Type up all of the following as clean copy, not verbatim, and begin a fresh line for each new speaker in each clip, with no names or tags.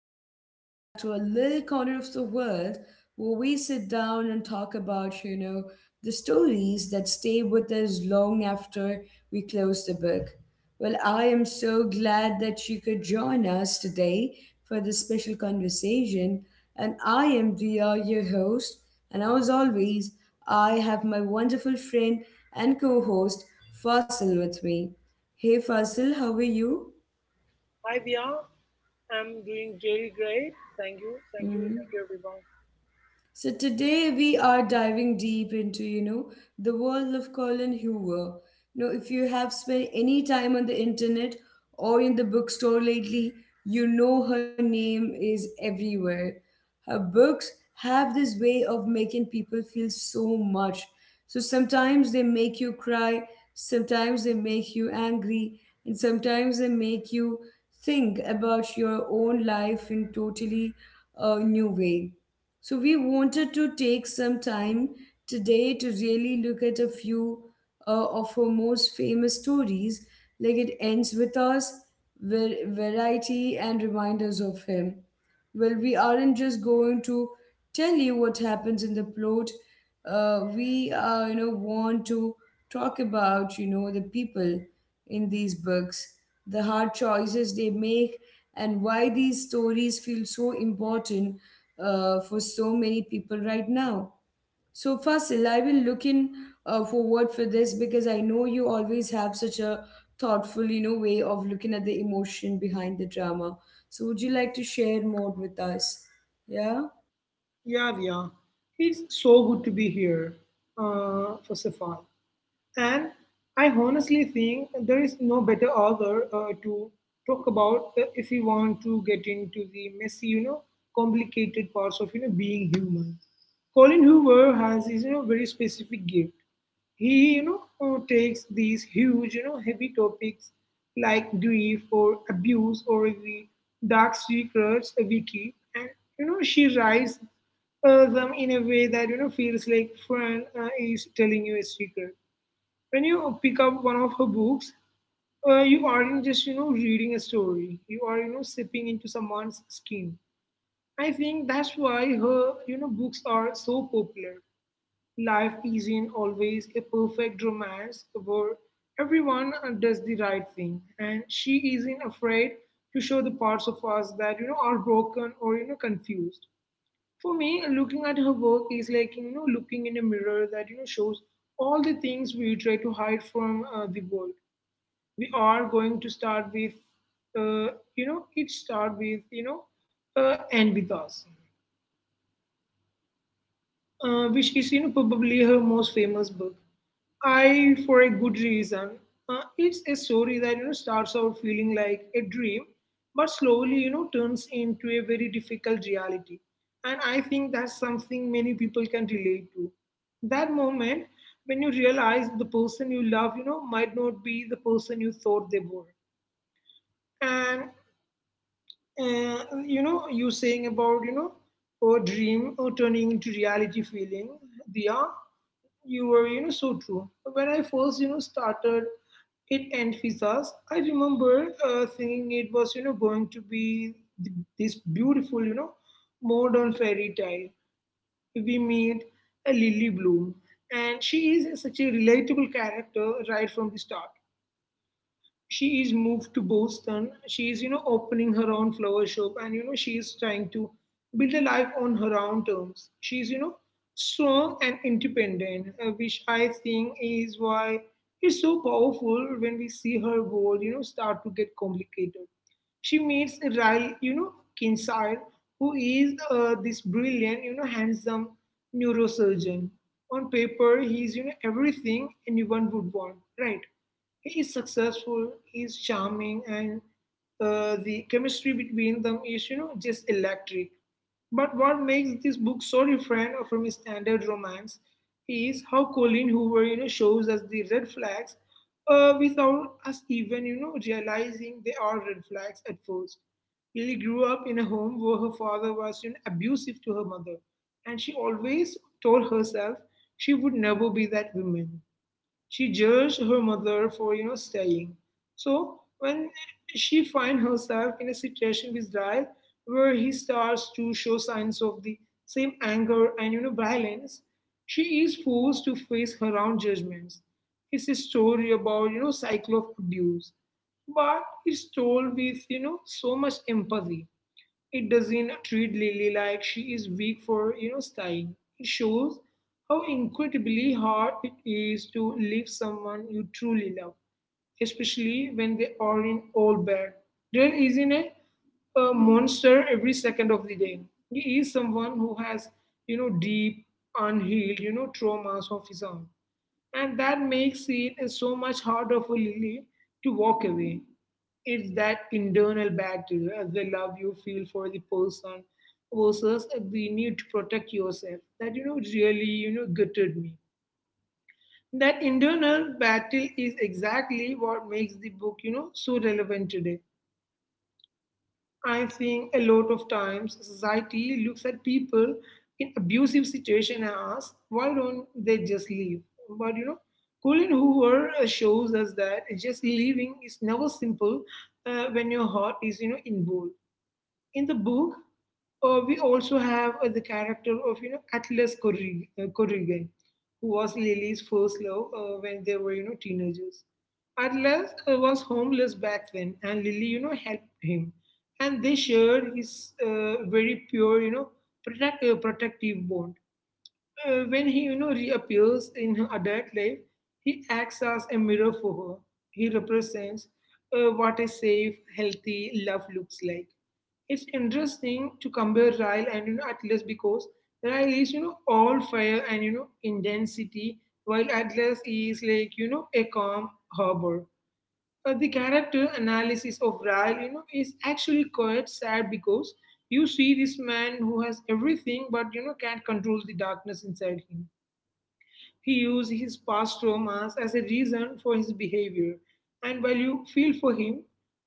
welcome back to a little corner of the world where we sit down and talk about, the stories that stay with us long after we close the book. Well, I am so glad that you could join us today for this special conversation. And I am Dia, your host. And as always, I have my wonderful friend and co host, Fasil, with me. Hey, Fasil, how are you?
Hi Dia, I'm doing really great. Thank you,
Mm-hmm.
thank you, thank you everyone.
So today we are diving deep into, the world of Colin Hoover. You know, if you have spent any time on the internet or in the bookstore lately, you know her name is everywhere. Her books have this way of making people feel so much. So sometimes they make you cry, sometimes they make you angry, and sometimes they make you think about your own life in totally a new way. So we wanted to take some time today to really look at a few of her most famous stories, like it ends with us, variety and reminders of him. Well, we aren't just going to tell you what happens in the plot. We want to talk about, the people in these books, the hard choices they make, and why these stories feel so important for so many people right now. So Fasil, I will look in forward for this because I know you always have such a thoughtful, way of looking at the emotion behind the drama. So would you like to share more with us? Yeah.
Yeah, Dia, it's so good to be here. First of all. And I honestly think there is no better author to talk about if we want to get into the messy, complicated parts of being human. Colin Hoover has his very specific gift. He takes these huge heavy topics like grief or abuse or the dark secrets we keep, and she writes them in a way that feels like friend is telling you a secret. When you pick up one of her books, you aren't just reading a story. You are sipping into someone's skin. I think that's why her books are so popular. Life isn't always a perfect romance where everyone does the right thing, and she isn't afraid to show the parts of us that are broken or confused. For me, looking at her work is like looking in a mirror that shows all the things we try to hide from the world. We are going to start with, it start with and with us which is probably her most famous book. I for a good reason. It's a story that starts out feeling like a dream, but slowly turns into a very difficult reality. And I think that's something many people can relate to. That moment when you realize the person you love, might not be the person you thought they were. And you saying about or dream or turning into reality feeling, Dia. You were, so true. When I first, started it and Fizzas, I remember thinking it was, going to be this beautiful, modern fairy tale. We meet a Lily Bloom, and she is such a relatable character right from the start. She is moved to Boston. She is, opening her own flower shop and, she is trying to build a life on her own terms. She is, strong and independent, which I think is why it's so powerful when we see her world, start to get complicated. She meets Riley, Kinsale, who is this brilliant, handsome neurosurgeon. On paper, he's, everything anyone would want, right? He is successful, he is charming, and the chemistry between them is, just electric. But what makes this book so different from his standard romance is how Colin Hoover, shows us the red flags without us even, realizing they are red flags at first. Lily grew up in a home where her father was, abusive to her mother, and she always told herself she would never be that woman. She judged her mother for staying. So when she finds herself in a situation with Ryle where he starts to show signs of the same anger and violence, she is forced to face her own judgments. It's a story about cycle of abuse, but it's told with so much empathy. It doesn't treat Lily like she is weak for, staying. It shows how incredibly hard it is to leave someone you truly love, especially when they are in all bad. Dale isn't a monster every second of the day. He is someone who has, deep, unhealed, traumas of his own. And that makes it so much harder for Lily to walk away. It's that internal battle, the love you feel for the person versus the need to protect yourself that really gutted me. That internal battle is exactly what makes the book so relevant today. I think a lot of times society looks at people in abusive situation and asks, why don't they just leave? But Colin Hoover shows us that just leaving is never simple when your heart is involved. In the book, we also have the character of Atlas Corrigan, who was Lily's first love when they were teenagers. Atlas was homeless back then, and Lily helped him, and they shared his very pure protective bond. When he reappears in her adult life, he acts as a mirror for her. He represents what a safe, healthy love looks like. It's interesting to compare Ryle and Atlas, because Ryle is all fire and intensity, while Atlas is like a calm harbor. But the character analysis of Ryle, is actually quite sad, because you see this man who has everything but can't control the darkness inside him. He used his past traumas as a reason for his behavior. And while you feel for him,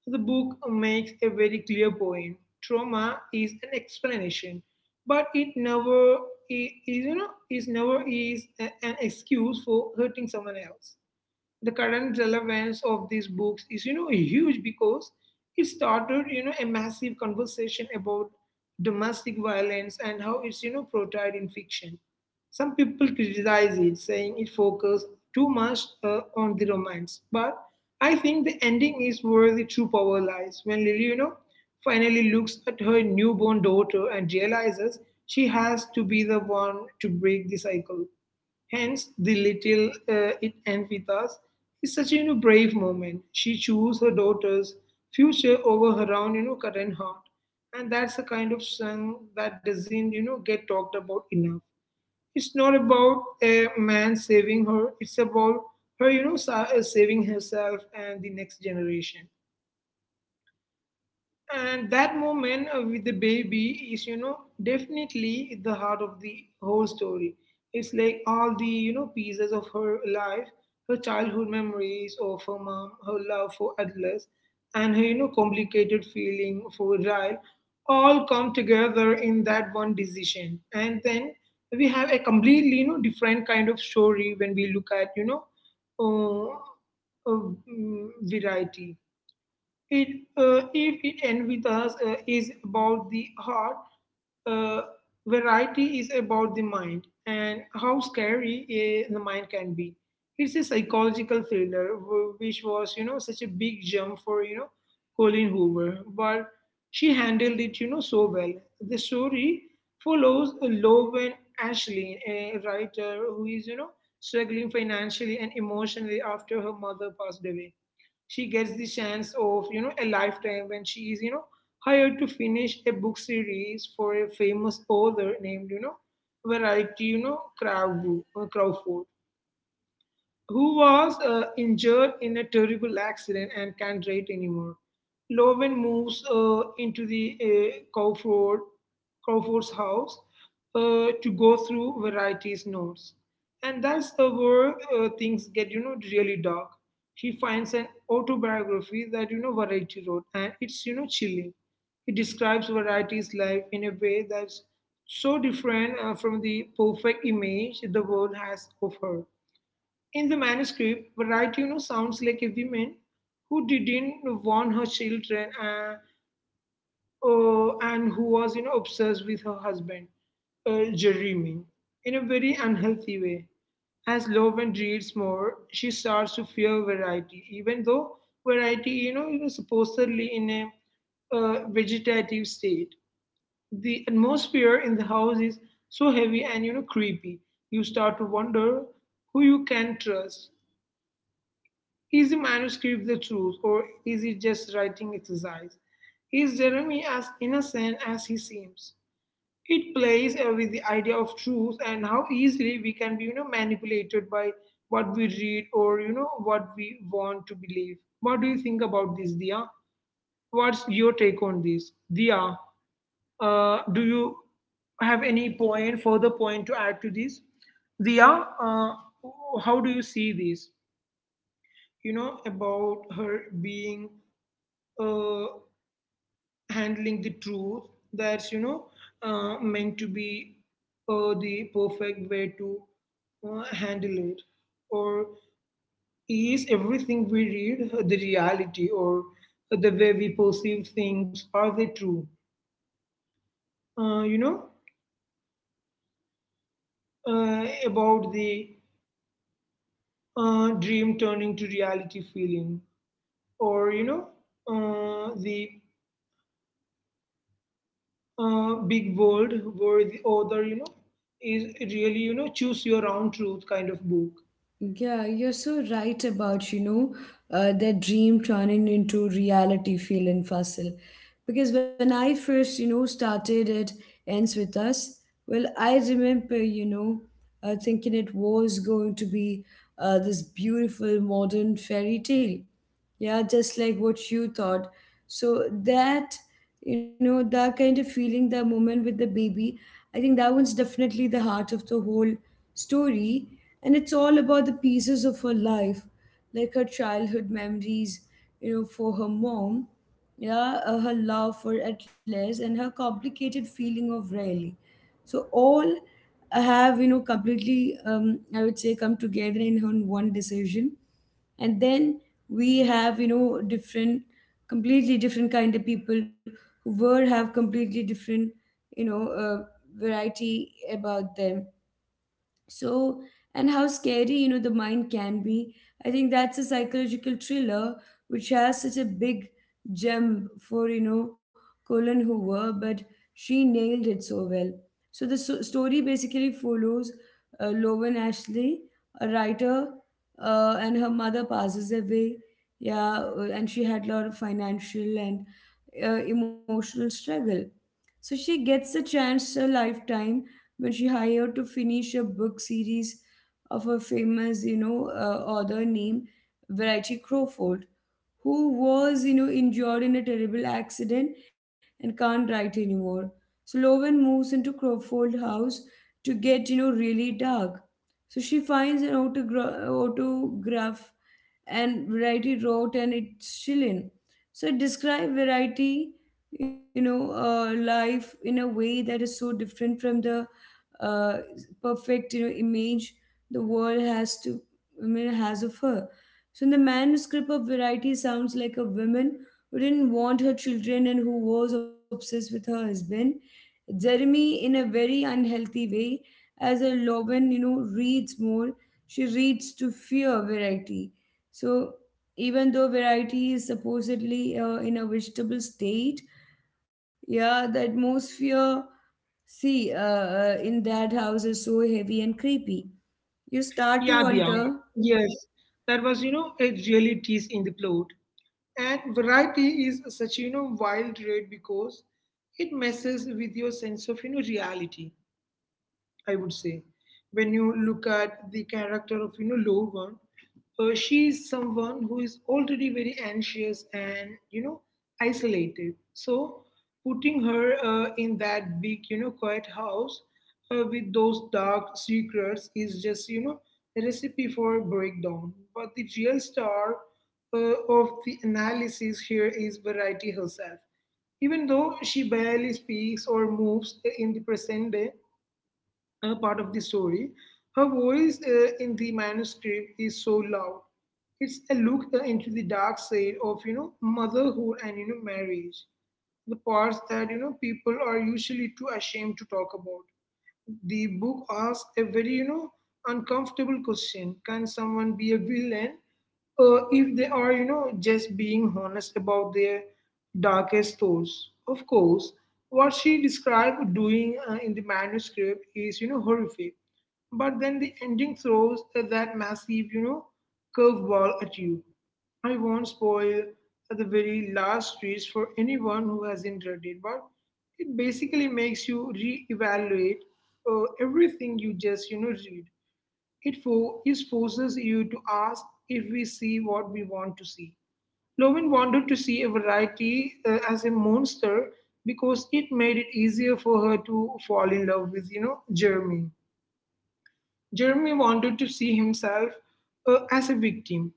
the book makes a very clear point. Trauma is an explanation, but it never is an excuse for hurting someone else. The current relevance of these books is huge, because it started a massive conversation about domestic violence and how it's portrayed in fiction. Some people criticize it, saying it focuses too much on the romance, but I think the ending is where the true power lies. When Lily finally looks at her newborn daughter and realizes she has to be the one to break the cycle. Hence, the little it ends with us is such a, brave moment. She chose her daughter's future over her own, current heart, and that's the kind of song that doesn't, get talked about enough. It's not about a man saving her; it's about her, saving herself and the next generation. And that moment with the baby is, definitely the heart of the whole story. It's like all the, pieces of her life, her childhood memories of her mom, her love for Atlas, and her, complicated feeling for Ryle all come together in that one decision. And then we have a completely, different kind of story when we look at, variety. It, if it ends with us, is about the heart. Uh, Variety is about the mind and how scary the mind can be. It's a psychological thriller, which was, such a big jump for, Colleen Hoover. But she handled it, so well. The story follows Loven Ashley, a writer who is, struggling financially and emotionally after her mother passed away. She gets the chance of a lifetime when she is hired to finish a book series for a famous author named, variety Crowfoot, who was injured in a terrible accident and can't ride anymore. Loven moves into the Crawford's house to go through varieties notes. And that's the where things get, really dark. He finds an autobiography that, Variety wrote, and it's, chilling. It describes Variety's life in a way that's so different from the perfect image the world has of her. In the manuscript, variety, sounds like a woman who didn't want her children and who was, obsessed with her husband, Jeremy, in a very unhealthy way. As Loven reads more, she starts to fear variety, even though variety, supposedly in a vegetative state. The atmosphere in the house is so heavy and, creepy. You start to wonder who you can trust. Is the manuscript the truth, or is it just writing exercise? Is Jeremy as innocent as he seems? It plays with the idea of truth and how easily we can be, manipulated by what we read or what we want to believe. What do you think about this, Dia? What's your take on this, Dia? Do you have further point to add to this? Dia, uh, how do you see this? About her being uh, handling the truth that's meant to be the perfect way to handle it, or is everything we read the reality, or the way we perceive things, are they true? uh, you know about the dream turning to reality feeling, or the big world where the author, is really, choose your own truth kind of book.
Yeah, you're so right about, that dream turning into reality feeling Fasil. Because when I first, started it ends with us, well, I remember, thinking it was going to be this beautiful modern fairy tale. Yeah, just like what you thought. So that, that kind of feeling, that moment with the baby, I think that one's definitely the heart of the whole story, and it's all about the pieces of her life, like her childhood memories, for her mom, yeah, her love for Atlas, and her complicated feeling of Riley. So all have completely, I would say, come together in her one decision. And then we have different completely different kind of people who were have completely different you know uh, variety about them. So, and how scary the mind can be. I think that's a psychological thriller which has such a big gem for Colin Hoover, but she nailed it so well. So the story basically follows Lowen Ashley, a writer and her mother passes away, yeah, and she had a lot of financial and emotional struggle. So she gets a chance a lifetime when she hired to finish a book series of a famous, author named Variety Crawford, who was, injured in a terrible accident and can't write anymore. So Lowen moves into Crawford house to get, really dark. So she finds an autograph and variety wrote and it's chilling. So it describe variety, life in a way that is so different from the uh, perfect image the world has to, I mean, has of her. So in the manuscript of variety sounds like a woman who didn't want her children and who was obsessed with her husband, Jeremy, in a very unhealthy way. As a Loven, reads more, she reads to fear variety. So even though variety is supposedly in a vegetable state, yeah, the atmosphere, see, in that house is so heavy and creepy. You start to
Yeah, yeah. Okay.
wonder.
Yes, that was, a really tease in the plot, and variety is such, wild rate, because it messes with your sense of, reality, I would say. When you look at the character of, Lovan, she is someone who is already very anxious and, isolated. So putting her in that big, quiet house with those dark secrets is just, a recipe for breakdown. But the real star of the analysis here is Variety herself. Even though she barely speaks or moves in the present day, part of the story, her voice in the manuscript is so loud. It's a look into the dark side of, motherhood and, marriage, the parts that, people are usually too ashamed to talk about. The book asks a very, uncomfortable question. Can someone be a villain if they are, just being honest about their darkest thoughts? Of course, what she described doing in the manuscript is, horrific. But then the ending throws that massive, curveball at you. I won't spoil the very last streets for anyone who hasn't read it, but it basically makes you re-evaluate everything you just, read. It forces you to ask if we see what we want to see. Lovin wanted to see a variety as a monster because it made it easier for her to fall in love with, Jeremy. Jeremy wanted to see himself as a victim.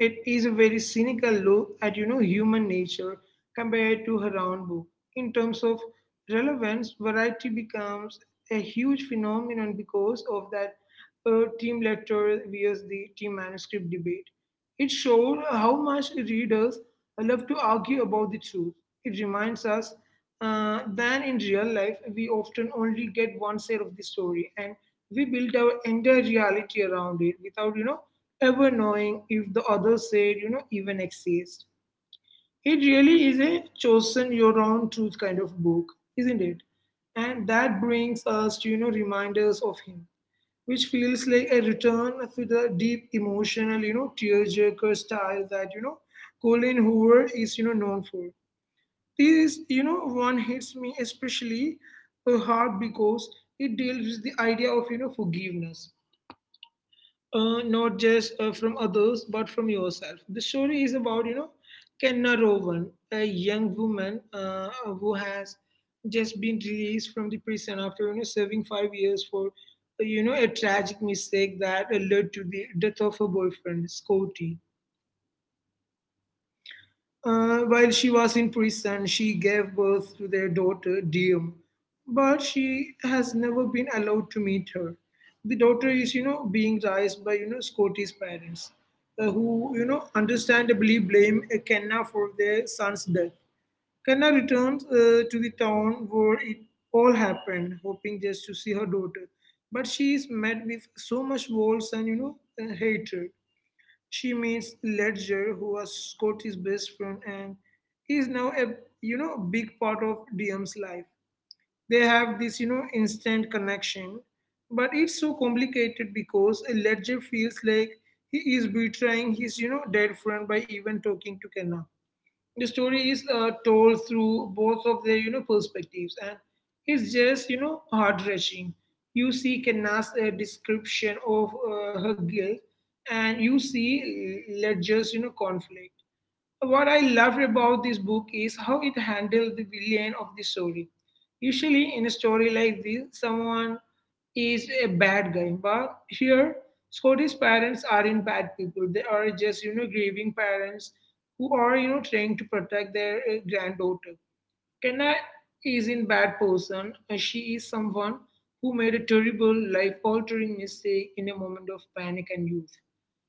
It is a very cynical look at, human nature compared to her own book. In terms of relevance, variety becomes a huge phenomenon because of that team letter versus the team manuscript debate. It showed how much readers love to argue about the truth. It reminds us that in real life we often only get one side of the story, and we built our entire reality around it without, ever knowing if the other side, even exists. It really is a chosen your own truth kind of book, isn't it? And that brings us to, reminders of him, which feels like a return to the deep emotional, tearjerker style that, Colin Hoover is, known for. This, one hits me especially hard because it deals with the idea of, forgiveness, not just from others but from yourself. The story is about, Kenna Rowan, a young woman who has just been released from the prison after, serving 5 years for, a tragic mistake that led to the death of her boyfriend, Scotty. While she was in prison, she gave birth to their daughter, Diem, but she has never been allowed to meet her. The daughter is, being raised by, Scotty's parents, who, understandably blame Kenna for their son's death. Kenna returns to the town where it all happened, hoping just to see her daughter, but she is met with so much walls and, hatred. She meets Ledger, who was Scotty's best friend, and he's now a, big part of DM's life. They have this, instant connection, but it's so complicated because Ledger feels like he is betraying his, dead friend by even talking to Kenna. The story is told through both of their, perspectives, and it's just, heart wrenching. You see Kenna's description of her guilt, and you see Ledger's, conflict. What I love about this book is how it handled the villain of the story. Usually, in a story like this, someone is a bad guy, but here, Scotty's parents aren't bad people. They are just, grieving parents who are, trying to protect their granddaughter. Kenna is in bad person, and she is someone who made a terrible, life-altering mistake in a moment of panic and youth.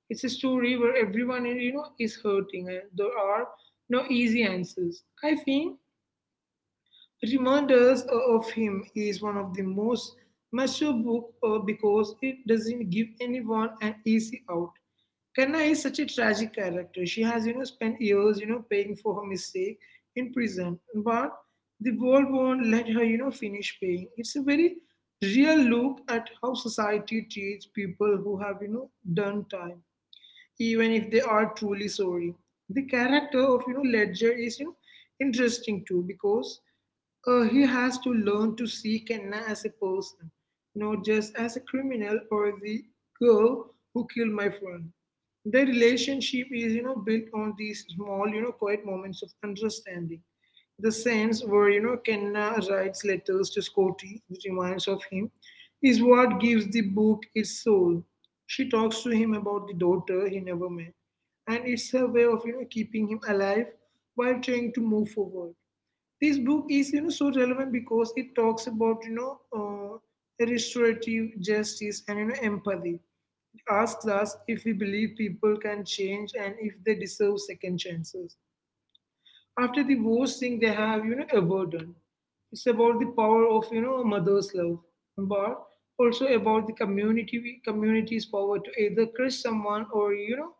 It's a story where everyone, is hurting, and there are no easy answers. I think Reminders of Him is one of the most mature book because it doesn't give anyone an easy out. Kanna is such a tragic character. She has, spent years, paying for her mistake in prison, but the world won't let her, finish paying. It's a very real look at how society treats people who have, done time, even if they are truly sorry. The character of, Ledger is, interesting too, because he has to learn to see Kenna as a person, not just as a criminal or the girl who killed my friend. Their relationship is, built on these small, quiet moments of understanding. The sense where, Kenna writes letters to Scotty, which reminds of him, is what gives the book its soul. She talks to him about the daughter he never met, and it's her way of, keeping him alive while trying to move forward. This book is, so relevant because it talks about, restorative justice and, empathy. It asks us if we believe people can change, and if they deserve second chances after the worst thing they have, ever done. It's about the power of, a mother's love, but also about the community's power to either crush someone or, you know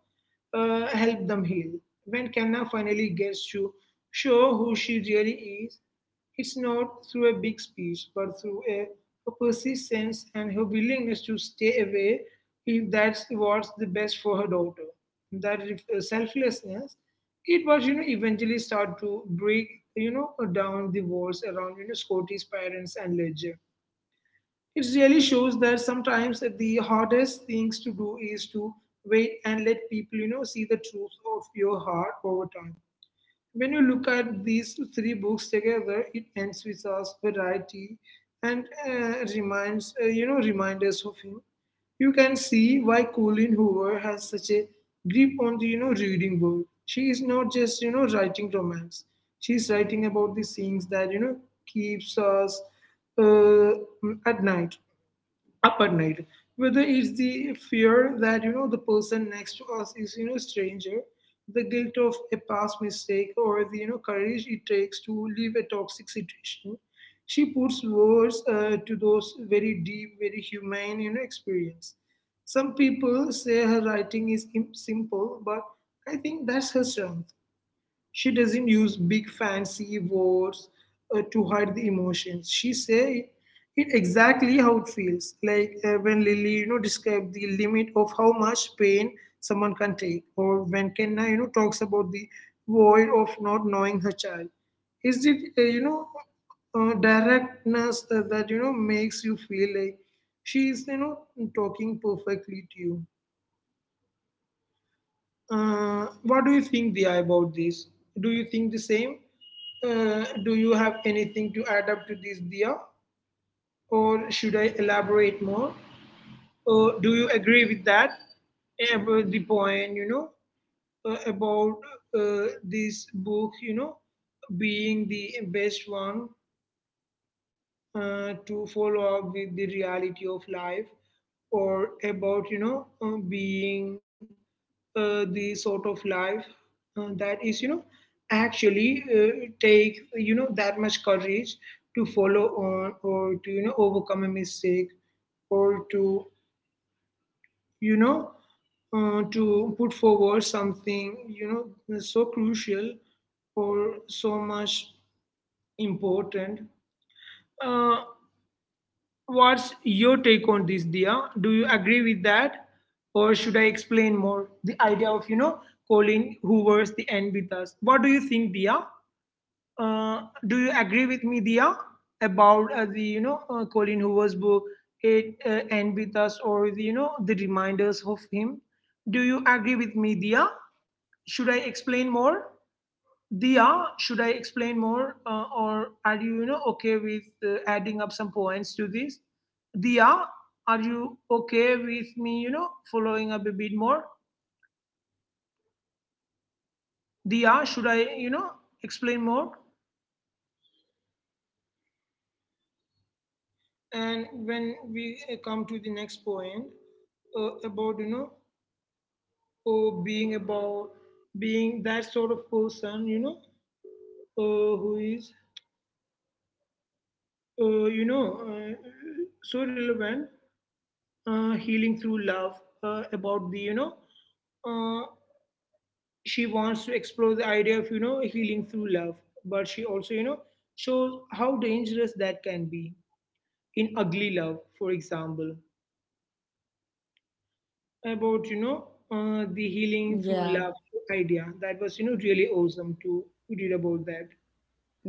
uh, help them heal. When Kanna finally gets to show who she really is, it's not through a big speech, but through a persistence and her willingness to stay away if that's what's the best for her daughter. That selflessness, it was, eventually start to break, down the walls around, Scotty's parents and Ledger. It really shows that sometimes the hardest things to do is to wait and let people, see the truth of your heart over time. When you look at these three books together, It Ends with Us, Variety, and reminds you know remind us of Him, you can see why Colleen Hoover has such a grip on the, reading world. She is not just, writing romance. She's writing about the things that, keeps us uh, at night up at night, whether it's the fear that, the person next to us is, stranger, the guilt of a past mistake, or the, courage it takes to leave a toxic situation. She puts words to those very deep, very humane, experience. Some people say her writing is simple, but I think that's her strength. She doesn't use big fancy words to hide the emotions. She say it exactly how it feels. Like when Lily, described the limit of how much pain someone can take, or when Kenna, talks about the void of not knowing her child. Is it, directness that, makes you feel like she is, talking perfectly to you. What do you think, Dia, about this? Do you think the same? Do you have anything to add up to this, Dia? Or should I elaborate more? Or do you agree with that? About the point, about this book, being the best one to follow up with the reality of life, or about, being the sort of life that is, actually take, that much courage to follow on, or to, overcome a mistake, or to, you know to put forward something, so crucial, or so much important. Uh, What's your take on this, Dia? Do you agree with that? Or should I explain more the idea of, Colin Hoover's The End with Us? What do you think, Dia? Do you agree with me, Dia, about the, Colin Hoover's book, It End with Us, or the, the reminders of him? Do you agree with me, Dia? Should I explain more? Diya, should I explain more, or are you, okay with adding up some points to this? Diya, are you okay with me, following up a bit more? Diya, should I, explain more? And when we come to the next point about, uh, being about being that sort of person, who is, uh, you know, uh, so relevant, healing through love, about the you know uh, she wants to explore the idea of healing through love. But she also shows how dangerous that can be in Ugly Love, for example, about you know the healing through love
Yeah,
idea that was really awesome to read about. That,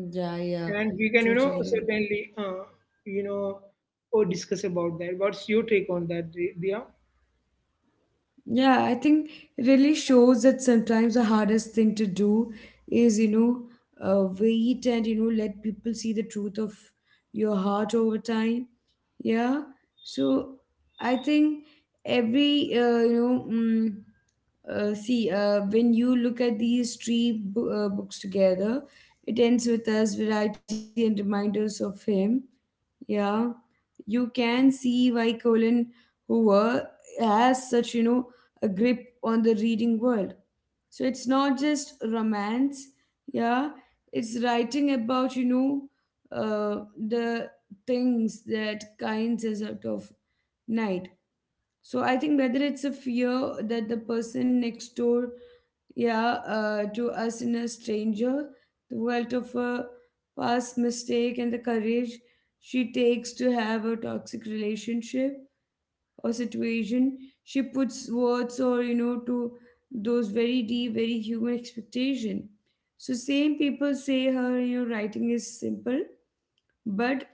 yeah, yeah,
and we can
totally.
certainly, you know or discuss about that. What's your take on that, Dia?
Yeah, I think it really shows that sometimes the hardest thing to do is, wait and, let people see the truth of your heart over time. Yeah. So I think every see, when you look at these three books together, it ends with us variety and reminders of him. Yeah, you can see why Colin Hoover has such a grip on the reading world. So it's not just romance. Yeah, it's writing about the things that kinds us out of night. So I think whether it's a fear that the person next door, yeah, to us in a stranger, the wealth of a past mistake and the courage she takes to have a toxic relationship or situation, she puts words or to those very deep, very human expectation. So same people say her writing is simple, but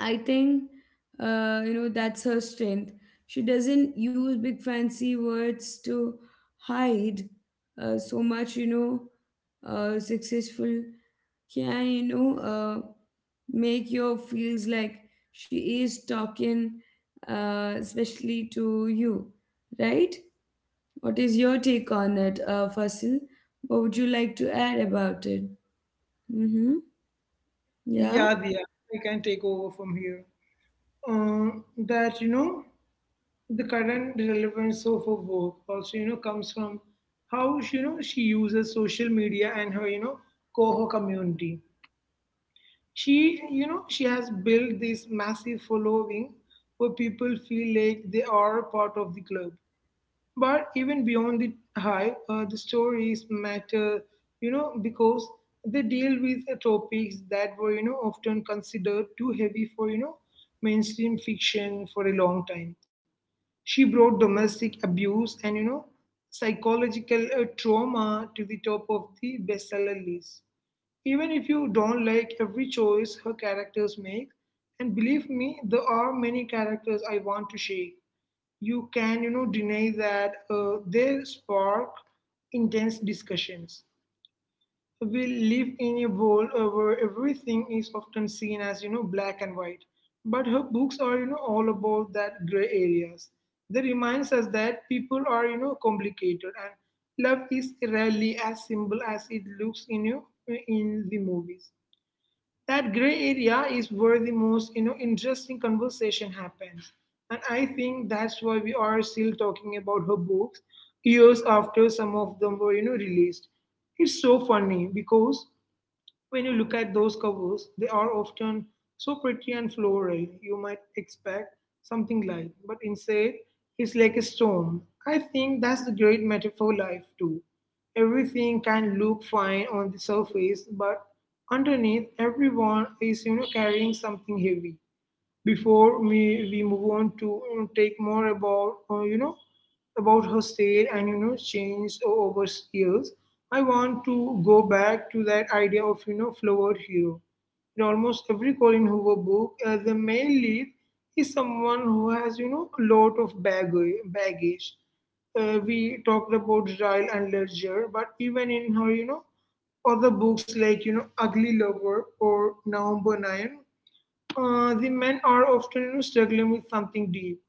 I think that's her strength. She doesn't use big fancy words to hide so much successful can make your feels like she is talking especially to you, right? What is your take on it, Fasil? What would you like to add about it? Mm-hmm.
Yeah,
Yeah,
Dia, I can take over from here. uh, that, the current relevance of her work also comes from how she, you know she uses social media and her coho community. She you know she has built this massive following where people feel like they are part of the club. But even beyond the hype, the stories matter, because they deal with topics that were often considered too heavy for mainstream fiction for a long time. She brought domestic abuse and psychological trauma to the top of the bestseller list. Even if you don't like every choice her characters make, and believe me, there are many characters I want to shake. You can deny that they spark intense discussions. We live in a world where everything is often seen as black and white, but her books are all about that gray areas. They reminds us that people are complicated and love is rarely as simple as it looks in the movies. That gray area is where the most interesting conversation happens, and I think that's why we are still talking about her books years after some of them were released. It's so funny because when you look at those covers, they are often so pretty and floral, you might expect something light, but instead, it's like a storm. I think that's the great metaphor life too. Everything can look fine on the surface, but underneath, everyone is carrying something heavy. Before we move on to take more about, about her sale and change over years, I want to go back to that idea of flowered hero. In almost every Colin Hoover book, the male lead is someone who has a lot of baggage. We talked about Ryle and Ledger, but even in her other books like Ugly Lover or November 9, the men are often, struggling with something deep.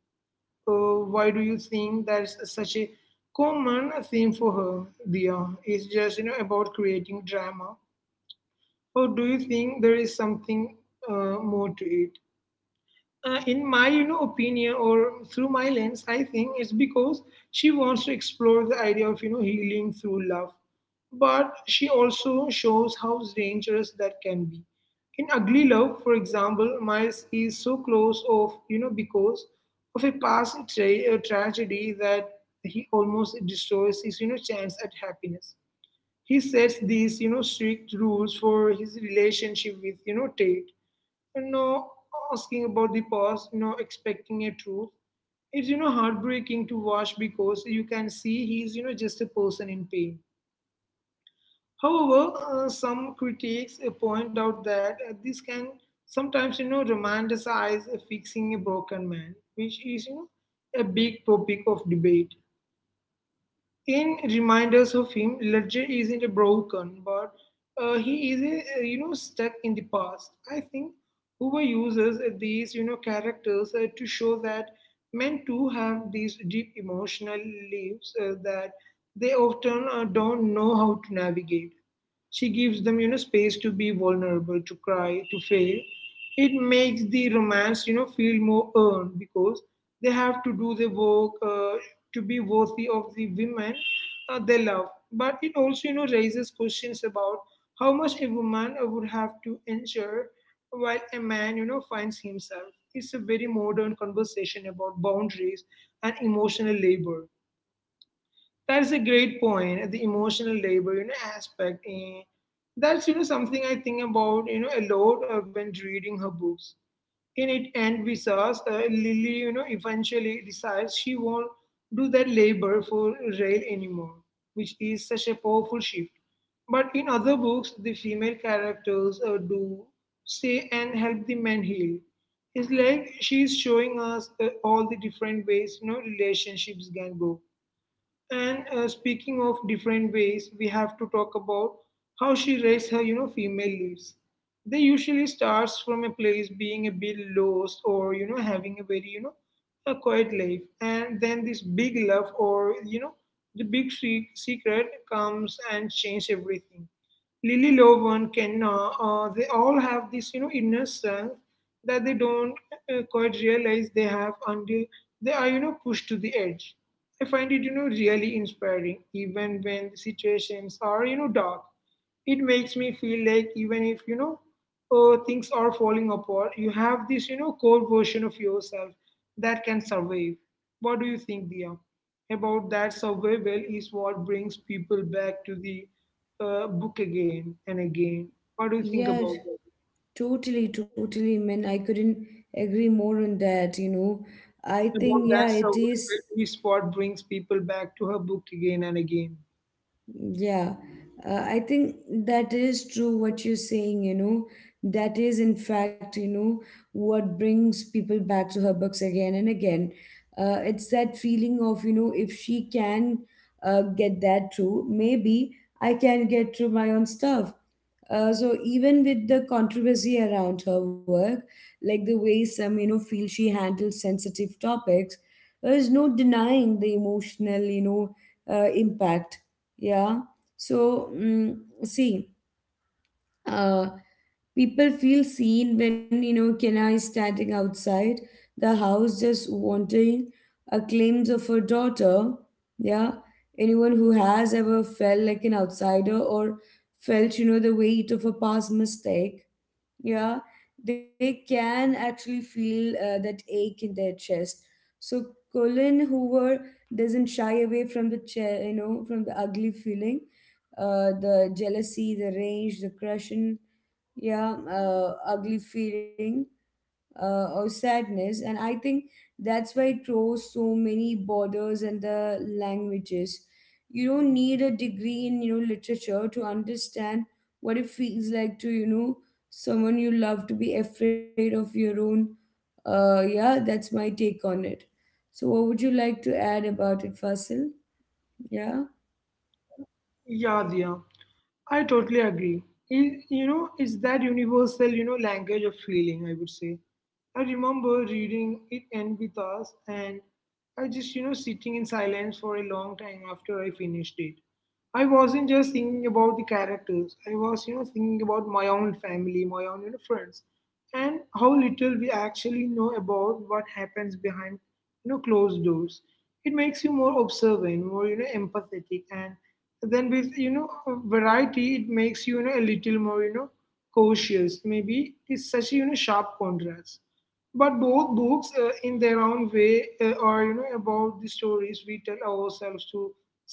Why do you think that's such a common theme for her, Dia? It's just about creating drama, or do you think there is something more to it? In my opinion or through my lens, I think it's because she wants to explore the idea of healing through love, but she also shows how dangerous that can be. In Ugly Love, for example, Miles is so close of because of a tragedy that he almost destroys his chance at happiness. He sets these strict rules for his relationship with Tate, you know, asking about the past, expecting a truth. It's, heartbreaking to watch because you can see he's, just a person in pain. However, some critics point out that this can sometimes, romanticize fixing a broken man, which is, a big topic of debate. In Reminders of Him, Ledger isn't a broken, but he is stuck in the past. I think Hoover uses these, characters to show that men too have these deep emotional lives that they often don't know how to navigate. She gives them, space to be vulnerable, to cry, to fail. It makes the romance, feel more earned because they have to do the work to be worthy of the women they love. But it also, raises questions about how much a woman would have to endure while a man, finds himself. It's a very modern conversation about boundaries and emotional labor. That is a great point. The emotional labor, aspect. That's something I think about a lot when reading her books. In It, and With Us, Lily, eventually decides she won't do that labor for Rail anymore, which is such a powerful shift. But in other books, the female characters do stay and help the men heal. It's like she's showing us all the different ways relationships can go. And speaking of different ways, we have to talk about how she raised her, female leads. They usually starts from a place being a bit lost or having a very a quiet life, and then this big love or the big secret comes and change everything. Lily Lovan, Kenna, they all have this inner strength that they don't quite realize they have until they are pushed to the edge. I find it, really inspiring, even when the situations are, dark. It makes me feel like even if, things are falling apart, you have this, core version of yourself that can survive. What do you think, Dia? About that survival is what brings people back to the, book again and again. What do you think
yeah,
about that?
totally, totally, man, I couldn't agree more on that, I think
About that
yeah it is.
survival is what brings people back to her book again and again.
Yeah, I think that is true what you're saying. That is, in fact, what brings people back to her books again and again. It's that feeling of, if she can get that through, maybe I can get through my own stuff. So even with the controversy around her work, like the way some feel she handles sensitive topics, there is no denying the emotional impact. Yeah. So see, uh, people feel seen when Kenna is standing outside the house just wanting a claims of her daughter. Yeah, anyone who has ever felt like an outsider or felt the weight of a past mistake, yeah, they can actually feel that ache in their chest. So Colin Hoover doesn't shy away from the from the ugly feeling, the jealousy, the rage, the crushing, yeah, ugly feeling or sadness. And I think that's why it draws so many borders and the languages. You don't need a degree in literature to understand what it feels like to someone you love to be afraid of your own. Yeah, that's my take on it. So, what would you like to add about it, Fasil? Yeah.
Yeah, Dia. I totally agree. It's that universal, language of feeling, I would say. I remember reading It End With Us, and I just, sitting in silence for a long time after I finished it. I wasn't just thinking about the characters. I was, thinking about my own family, my own, friends, and how little we actually know about what happens behind, closed doors. It makes you more observant, more, empathetic. And then with Variety, it makes you you know a little more cautious maybe. It's such a sharp contrast, but both books, in their own way, are about the stories we tell ourselves to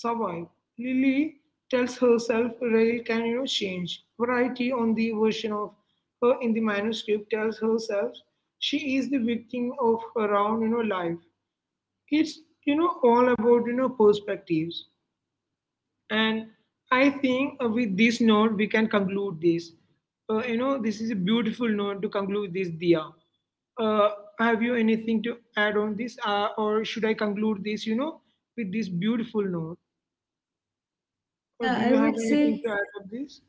survive. Lily tells herself Rail can change. Variety on the version of her in the manuscript tells herself she is the victim of her own life. It's all about perspectives. And I think with this note, we can conclude this. This is a beautiful note to conclude this, Dia. Uh, have you anything to add on this, or should I conclude this, with this beautiful note? Or
Yeah,
do
I
you have
would
anything
say.
to add on this?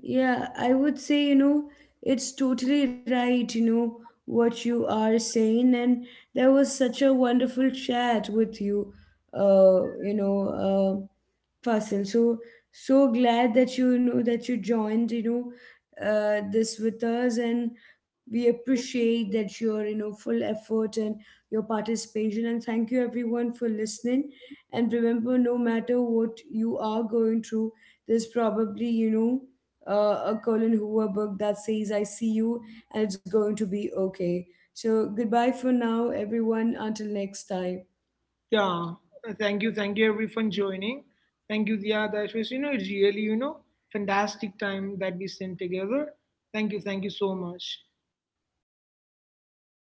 Yeah, I would say, it's totally right, what you are saying. And there was such a wonderful chat with you, uh, you know, uh, Fasil. So glad that you know that you joined this with us, and we appreciate that your full effort and your participation. And thank you everyone for listening. And remember, no matter what you are going through, there's probably a Colin Hoover book that says "I see you" and it's going to be okay. So goodbye for now, everyone. Until next time.
Yeah. Thank you. Thank you, everyone, joining. Thank you, Dia. That was, really, fantastic time that we spent together. Thank you. Thank you so much. Bye bye.